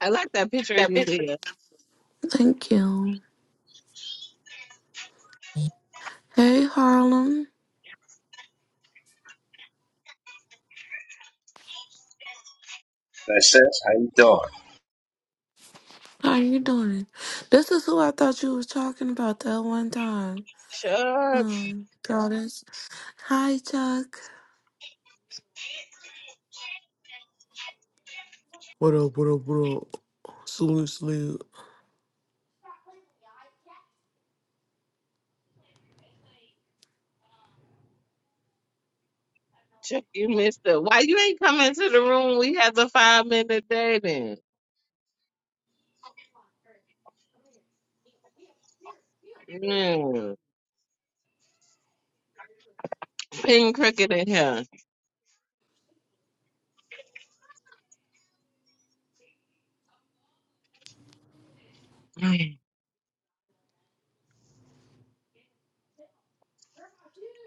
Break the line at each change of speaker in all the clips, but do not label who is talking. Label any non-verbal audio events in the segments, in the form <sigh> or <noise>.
I like that picture of you, Leah.
Thank you. Hey Harlem,
That's says How you doing?
how you doing? This is who I thought you was talking about that one time.
Chuck,
Um, goddess. Hi Chuck. What up? What up? What up? Salute, salute.
Chuck, you missed it. Why you ain't coming to the room? We had the five minute dating. Mm. Ping crooked in here. Mm.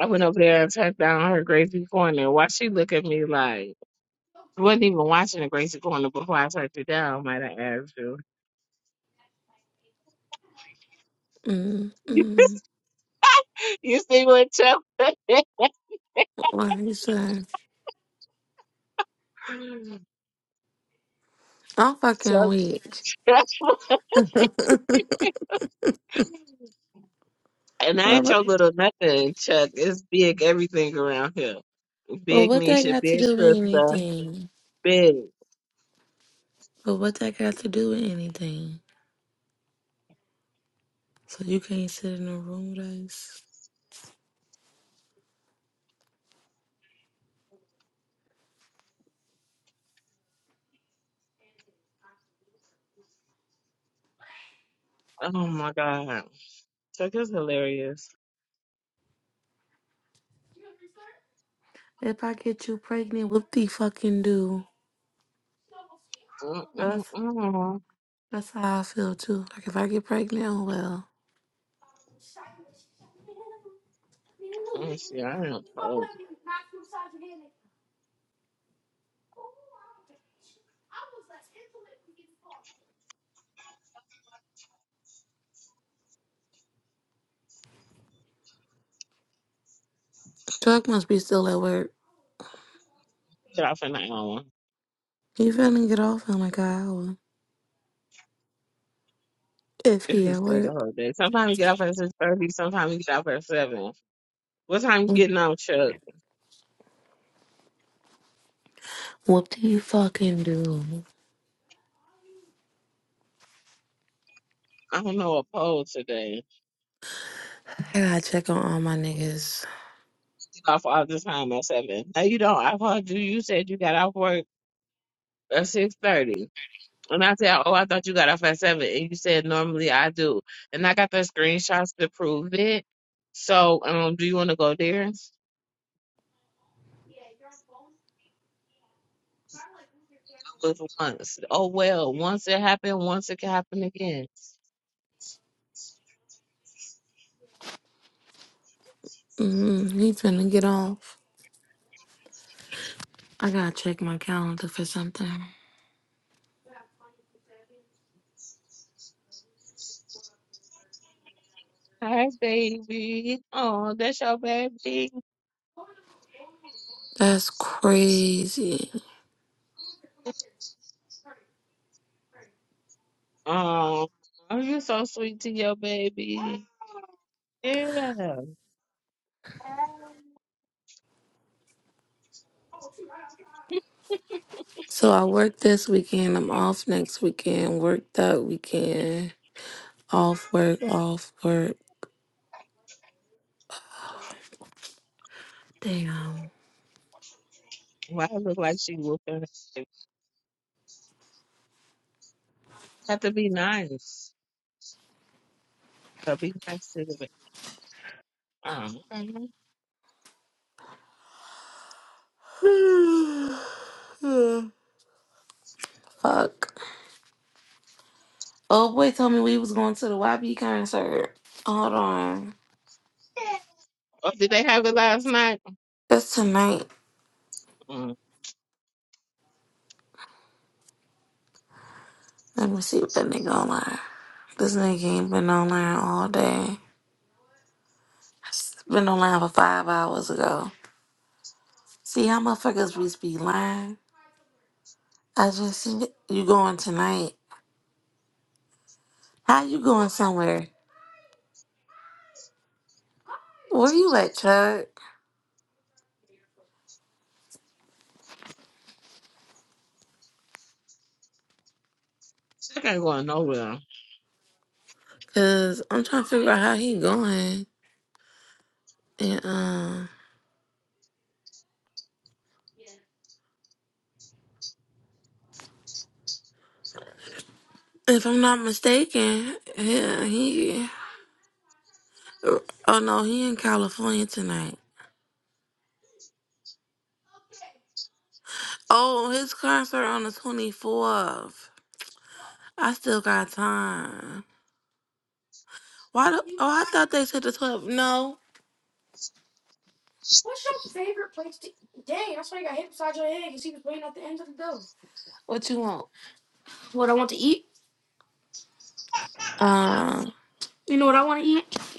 I went over there and sat down her Gracie Corner. Why she look at me like she wasn't even watching the Gracie Corner before I sat you down, might I asked you.
Mm,
<laughs>
mm.
You see what Chuck did?
What are you saying? I'm fucking
Chuck
weak.
<laughs>
<laughs> well,
and I ain't
what,
your little nothing, Chuck. It's big everything around here.
well,
Big
what that
Nisha,
got to
big
do with
sister,
anything?
big.
But what that got to do with anything? So you can't sit in a room with us.
Oh my God. Chuck is hilarious.
If I get you pregnant, what the fucking do?
Mm-mm-mm.
That's how I feel too. Like if I get pregnant, oh, well,
Let me see. I am cold.
Chuck must be still at work.
Get off at night hour
He finna get off in like an hour. If
if
he
he
at
stayed the
work.
whole day. Sometimes we get off at six thirty. Sometimes we get off at seven. What time you
Mm.
getting out, Chuck?
What do you fucking do?
I don't know. A poll today.
I gotta check on all my niggas.
Get off all the time at seven. No, you don't. I called you. You said you got off work at six thirty. And I said, oh, I thought you got off at seven." and you said normally I do, and I got the screenshots to prove it. So, um, do you want to go there? was once. Oh well, once it happened, once it can happen again.
Mm, he finna get off. I gotta check my calendar for something.
Hi, baby. Oh, that's your baby.
That's crazy.
Oh, you're so sweet to your baby. Yeah.
So I work this weekend. I'm off next weekend. Work that weekend. Off work, off work. Damn.
Why it look like she whooping? have to be nice. So be nice to the baby. Oh, okay.
<sighs> Fuck. Oh boy told me we was going to the YB concert. Hold on.
Oh, did they have it last night?
That's tonight.
Mm,
Let me see what that nigga online. This nigga ain't been online all day. It's Been online for five hours ago. See how motherfuckers just be lying? I just seen it. you going tonight. How you going somewhere? Where you at, Chuck?
Chuck ain't going nowhere.
Cause I'm trying to figure out how he going. And um, if I'm not mistaken, yeah, he. Oh no, he in California tonight. Oh, his concert on the 24th. I still got time. Why the, oh, I thought they said the 12th. No. What you want? Uh,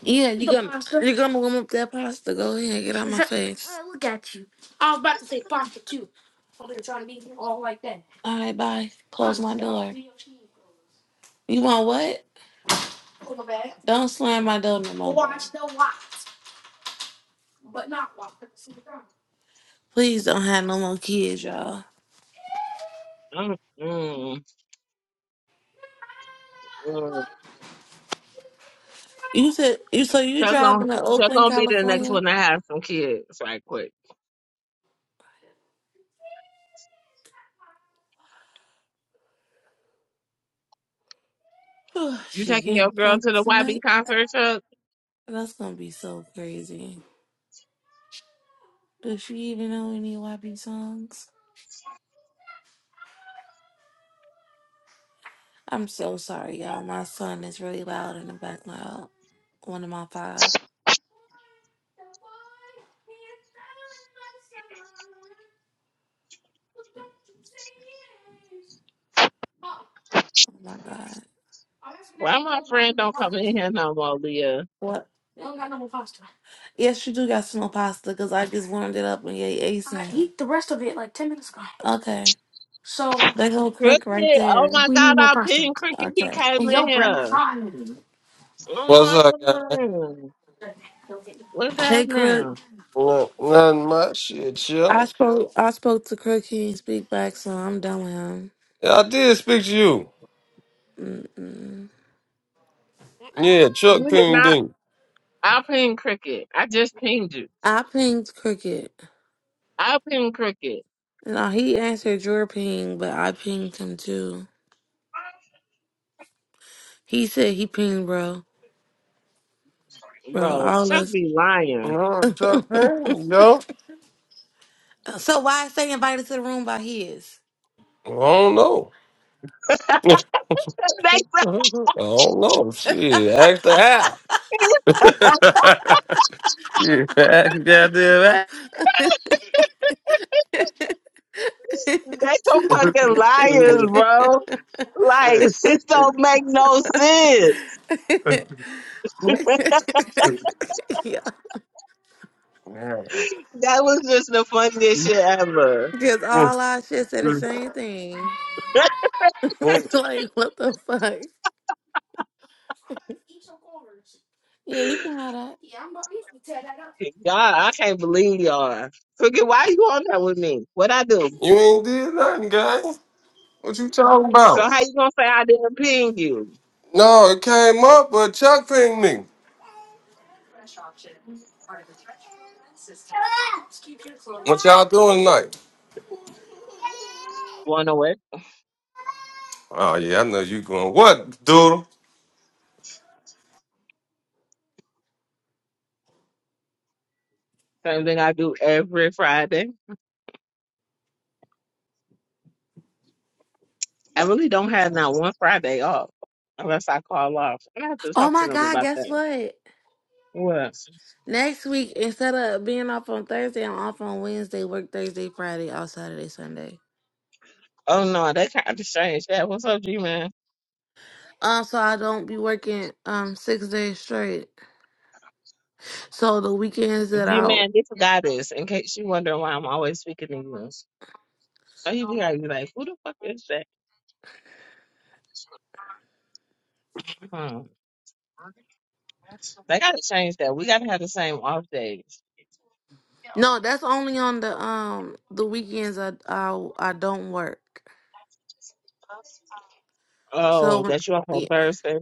yeah, you gonna you gonna warm up that pasta. Go ahead, get out my face. I look at you. All right, bye. Close my door. You want what? Don't slam my door no more. Watch watch. the watch. Please don't have no more kids, y'all.
Mm, mm, mm.
You said you so you
Chuck gonna,
driving to
Chuck
Oakland,
gonna be the next
California?
one to have some kids right quick.
<sighs>
You
she
taking your
getting
girl to
fucked
the YB
tonight.
concert, Chuck?
That's gonna be so crazy. Does she even know any YB songs? I'm so sorry, y'all. My son is really loud in the background. One of my five. Oh my god.
Why my friend don't come in here no more, Leah?
What? Yes, you do got some pasta because I just warmed it up and you ate some. I Okay. that go Crook right
Cricket, oh
there.
my God, I pinned Cricket. He
Okay.
came in here. Oh
What's
my
up, guy?
God, what's that
Hey Crook.
now?
Look, nothing much. Shit,
I
chill.
spoke I spoke to Crook, he didn't speak back, so I'm done with him.
Yeah, I did speak to you.
Mm-mm.
Yeah,
You
Chuck
did
Ping
not.
Bing.
I pinned Cricket. I just pinged you.
I pinged cricket.
I pinned Cricket,
No, he answered your ping, but I pinged him too. He said he pinged, bro. Bro,
bro.
all
Chuck
us.
be lying.
Uh, Chuck Ping, yo.
So why say invited to the room by his?
I don't know. <laughs> I
<laughs> they
don't know. Shit, ask the how. <laughs> yeah, ask the
some- they some fucking liars,
goddamn
bro. Like <laughs> this
how.
don't make no sense.
<laughs> yeah,
That was just the funniest shit ever.
because all our shit said the same thing.
<laughs>
<laughs> like, what the fuck? Yeah, you can have that.
God, I can't believe y'all. Forget why you on that with me? What I do?
You ain't did nothing, guy. What you talking
So
about?
how you gonna say I didn't ping you?
No, it came up, but Chuck pinged me. What y'all doing tonight?
Going away.
Oh yeah, I know you going. What, Doodle?
Same thing I do every Friday. I really don't have not one Friday off unless I call off. I have to
Oh
talk to
my
them
God,
about
guess
that.
what?
What? else?
Next week, instead of being off on Thursday, I'm off on Wednesday, work Thursday, Friday, off Saturday, Sunday.
Oh no, they kind of strange. Yeah, what's up, G man?
Um, so I don't be working um six days straight. So the weekends that
G
I
man, this guy is. In case you wonder why I'm always speaking English. So you be like, you like, who the fuck is that? Hmm. They gotta change that. We gotta have the same off day.
no, that's only on the um the weekends I I I don't work.
Oh,
So
that you off on
yeah.
Thursday?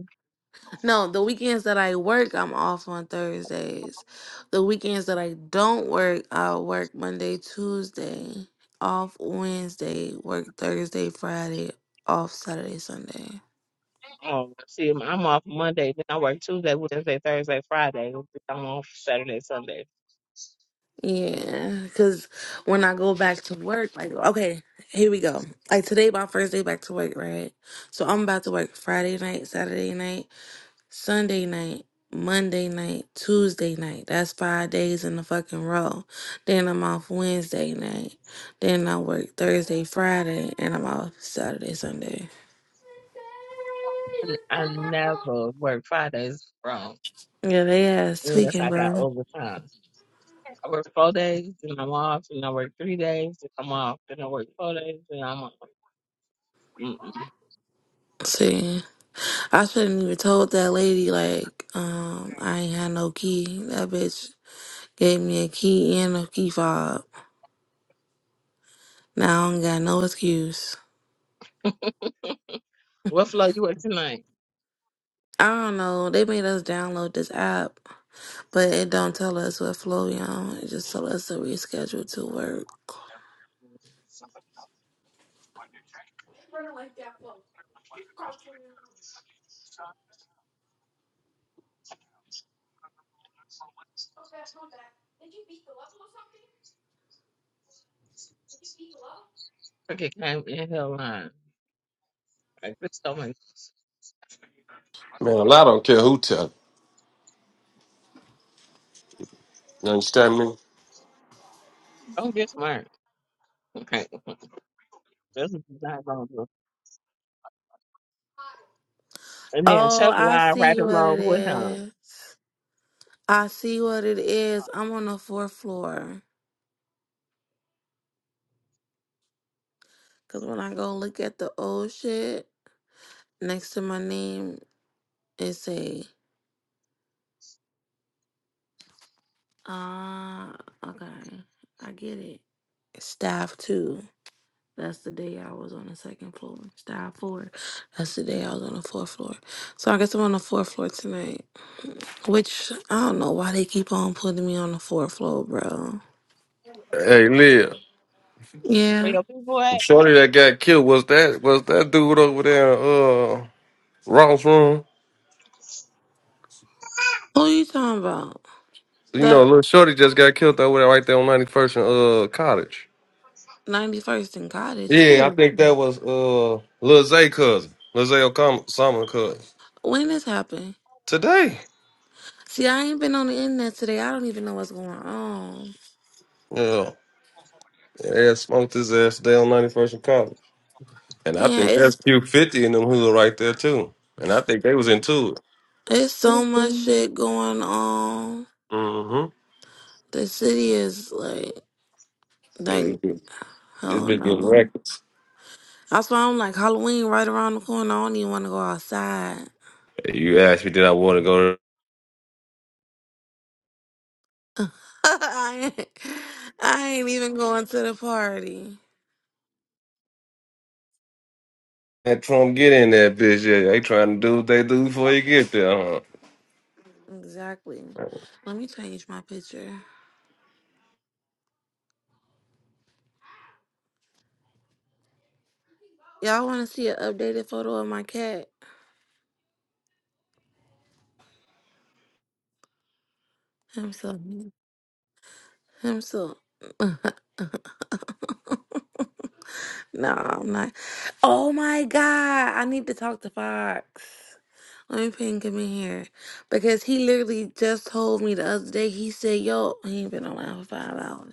no, the weekends that I work, I'm off on Thursdays. The weekends that I don't work, I work Monday, Tuesday, off Wednesday, work Thursday, Friday, off Saturday, Sunday.
Oh, see, I'm I'm off Monday. Then I work Tuesday, Wednesday, Thursday, Friday. I'm off Saturday, Sunday.
Yeah, because when I go back to work, like, okay, here we go. Like, today, my first day back to work, right? So, I'm about to work Friday night, Saturday night, Sunday night, Monday night, Tuesday night. That's five days in the fucking row. Then I'm off Wednesday night. Then I work Thursday, Friday, and I'm off Saturday, Sunday.
And I never work Fridays wrong.
Yeah, they ass
Unless
tweaking,
I got
bro.
overtime. I work four days, then I'm off, and I work three days, then I'm off, then I work four days, then I'm off. Mm-mm.
See, I shouldn't even told that lady, like, um, I ain't had no key. That bitch Gave me a key and a key fob. Now I don't got no excuse.
What floor you work tonight?
I don't know. They made us download this app, but it don't tell us what flow we on. It just tell us to reschedule to work.
Cricket came in hell line. Like, bitch, don't, make-
Man, I don't care who tell. it. You understand me?
don't get smart. Okay, that's what you're not going to do. And then
Oh,
Chuck
I
lied right
see what it
along with him.
is. I see what it is. I'm on the fourth floor. Cause when I go look at the old shit next to my name, it say, ah, okay, I get it. Staff two. That's the day I was on the second floor. Style four. That's the day I was on the fourth floor. So I guess I'm on the fourth floor tonight. Which I don't know why they keep on putting me on the fourth floor, bro.
Hey, Liv.
Where
Yeah.
your people at?
Shorty that got killed was that was that dude over there in uh Ross room.
Who you talking about?
You know,
The
little Shorty just got killed over there right there on 91st and uh cottage.
91st and Cottage.
Yeah, I
Who?
think that was uh Lil Zay cousin. Lil Zay Osama cousin.
When this happened?
Today.
See, I ain't been on the internet today. I don't even know what's going on.
Yeah. Yeah, smoked his ass today on 91st and cottage. And I
Damn,
think
it's
that's Q50 and them hood right there too. And I think they was into it.
it's so much shit going on.
Mm-hmm.
The city is like, like,
It,
I
It's
don't
been good
know.
records.
That's why I'm like Halloween right around the corner. I don't even want to go outside.
Hey, You asked me, did I want to go to
<laughs> I ain't, I ain't even going to the party.
that Trump get in that bitch? Yeah, they trying to do what they do before you get there. Huh?
Exactly. Let me change my picture. Y'all want to see an updated photo of my cat? Himself. Himself. No, I'm not. Oh my God. I need to talk to Fox. Let me ping him in here. Because he literally just told me the other day. He said, yo, he ain't been on my for five hours.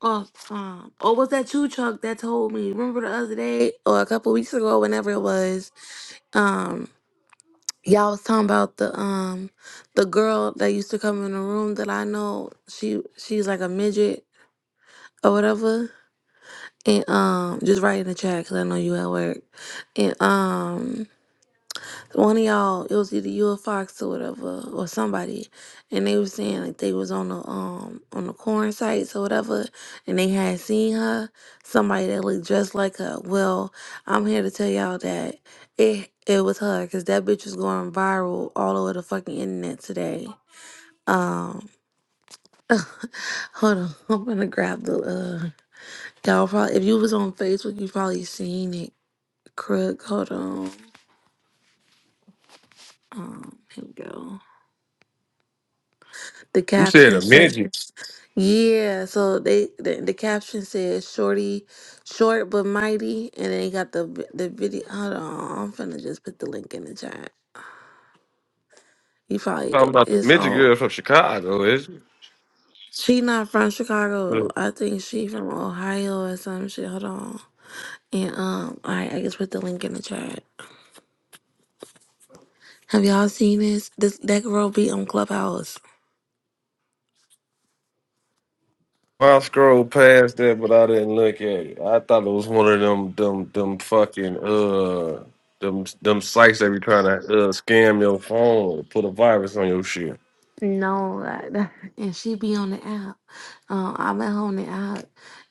off time. Or was that you, Chuck, that told me? Remember the other day or a couple weeks ago, whenever it was, um, y'all was talking about the um the girl that used to come in the room that I know. She she's like a midget or whatever. And um, just write in the chat because I know you at work. And um. one of y'all, it was either you or Fox or whatever, or somebody, and they was saying like they was on the um on the corn sites or whatever, and they had seen her, somebody that looked just like her. Well, I'm here to tell y'all that it it was her because that bitch was going viral all over the fucking internet today. Um, <laughs> hold on, I'm gonna grab the uh y'all probably if you was on Facebook you probably seen it. Crook, hold on. Um, here we go. The
You said
caption
a
said.
midget.
Yeah, so they the, the caption says "shorty, short but mighty," and then they got the vi- the video. Hold on, I'm finna just put the link in the chat. You probably
Talking
it-
about the
it's
midget
all.
girl from Chicago, is
She not from Chicago.
it?
I think she from Ohio or some shit. Hold on, and um, all right, I just put the link in the chat. Have y'all seen this? This that girl be on Clubhouse.
I scrolled past that, but I didn't look at it. I thought it was one of them, them, them fucking uh, them, them sites that be trying to uh scam your phone, or put a virus on your shit.
No, like that, and she be on the app. Um, I met her on the app,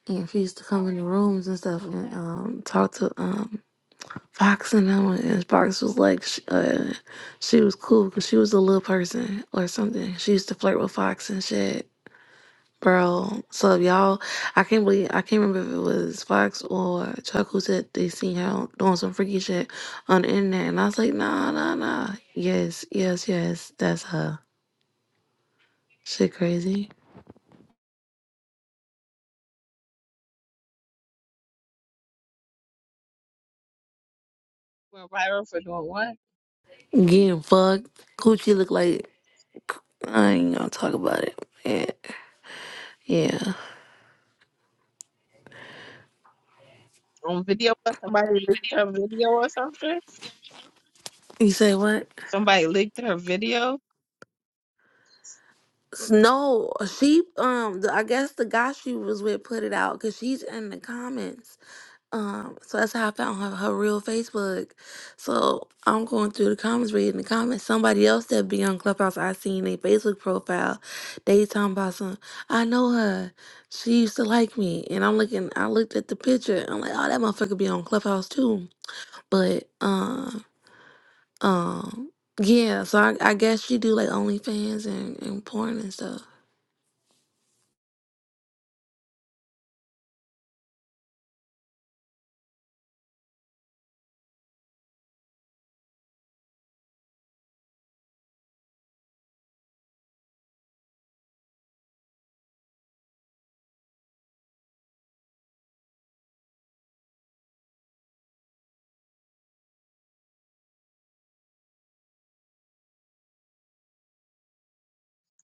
and she used to come in the rooms and stuff and um talk to um Fox and them. And Fox was like, she, uh, she was cool because she was a little person or something. She used to flirt with Fox and shit, bro. So y'all, I can't believe I can't remember if it was Fox or Chuck who said they seen her doing some freaky shit on the internet, and I was like, nah, nah, nah. Yes, yes, yes, that's her. Shit, crazy.
went viral for doing what?
Getting fucked. Coochie look like I ain't gonna talk about it. Yeah. Yeah.
On video, what? somebody leaked her video or something.
You say what?
Somebody leaked her video.
S- No, she um the, I guess the guy she was with put it out because she's in the comments. Um, so that's how I found her, her real Facebook. So I'm going through the comments, reading the comments. Somebody else that be on Clubhouse, I seen their Facebook profile. They talking about some. I know her. She used to like me, and I'm looking. I looked at the picture. I'm like, oh, that motherfucker be on Clubhouse too. But uh, um, yeah. So I, I guess she do like OnlyFans and, and porn and stuff.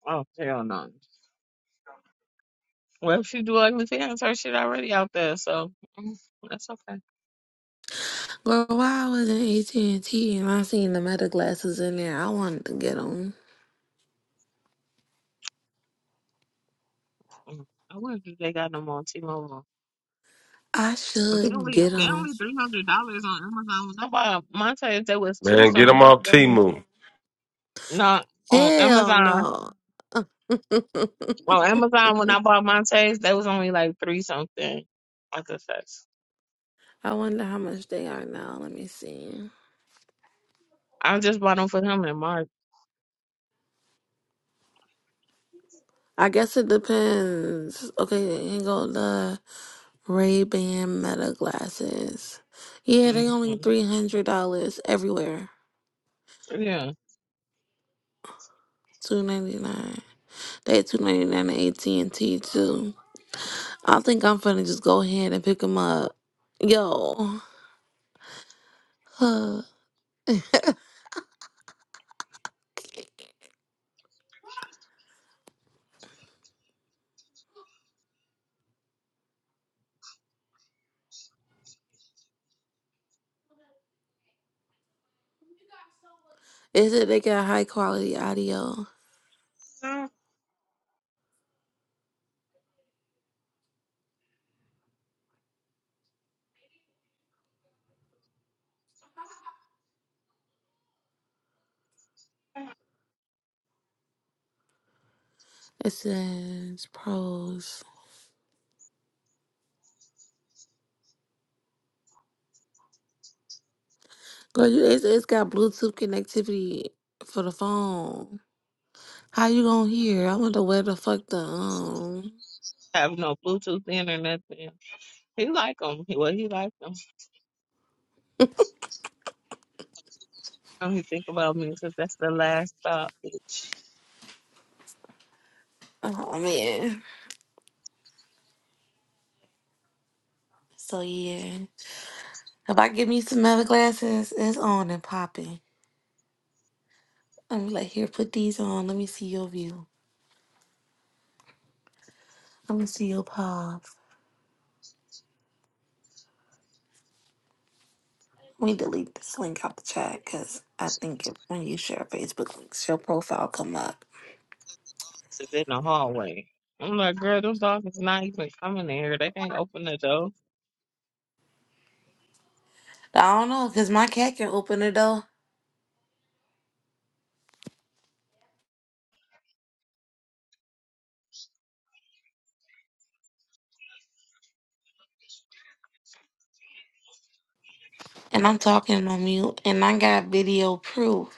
Oh hell no! Well, if you do OnlyFans, her shit already out there, so mm, that's okay.
Girl, while I was in AT and T and I seen the meta glasses in there, I wanted to get them.
Mm. I wonder if they got them on T-Mobile,
I
but they
should
only
get
they
them.
only three hundred dollars on Amazon. Nobody, mine said there was two
Man, get them
something.
off Timu.
Not on
Hell
Amazon.
no.
On Amazon, when I bought Montes, they was only like three something. Like I guess that's.
I wonder how much they are now. Let me see.
I just bought them for him in March.
I guess it depends. Okay, here go the Ray Ban Meta glasses. Yeah,
hmm
they only three hundred dollars everywhere.
Yeah.
Two ninety nine. They two ninety nine at AT and T too. I think I'm finna just go ahead and pick them up. Yo, <sighs> huh. it said they got high quality audio.
I don't
It says pros. Girl, you, it's, it's got Bluetooth connectivity for the phone. How you gonna hear? I wonder where the fuck the um.
have no Bluetooth in or nothing. He like them. He, well, he like them. Now he think about me? Cause that's the last stop, bitch.
Oh man. So yeah, if I give me some other glasses, it's on and popping. I'm like, here, put these on. Let me see your view. Let me see your paw. Let me delete this link out the chat because I think if, when you share Facebook links, your profile come up.
It's in the hallway. I'm like, girl, them dogs is not even coming in here. They can't open the door.
I don't know because my cat can open the door and I'm talking on mute and I got video proof.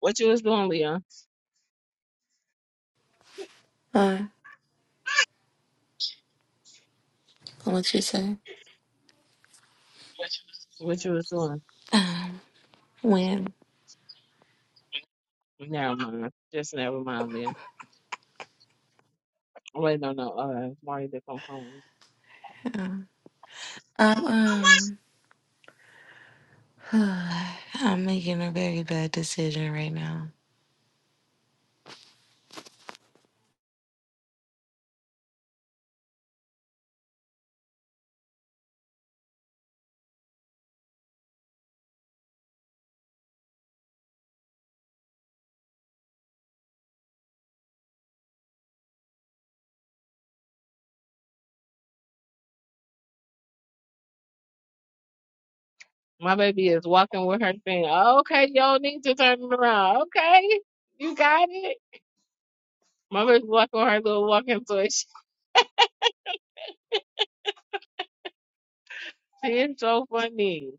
What you was doing, Leon?
Uh, what you say?
What you was doing?
Um, when
Never mind. Just never mind, Leon. Wait, no, no. Uh, Marty to come home.
um, I'm um, <sighs> I'm making a very bad decision right now.
My baby is walking with her thing. Okay, y'all need to turn it around. Okay, you got it. My baby's walking with her little walking toy. <laughs> It's so funny.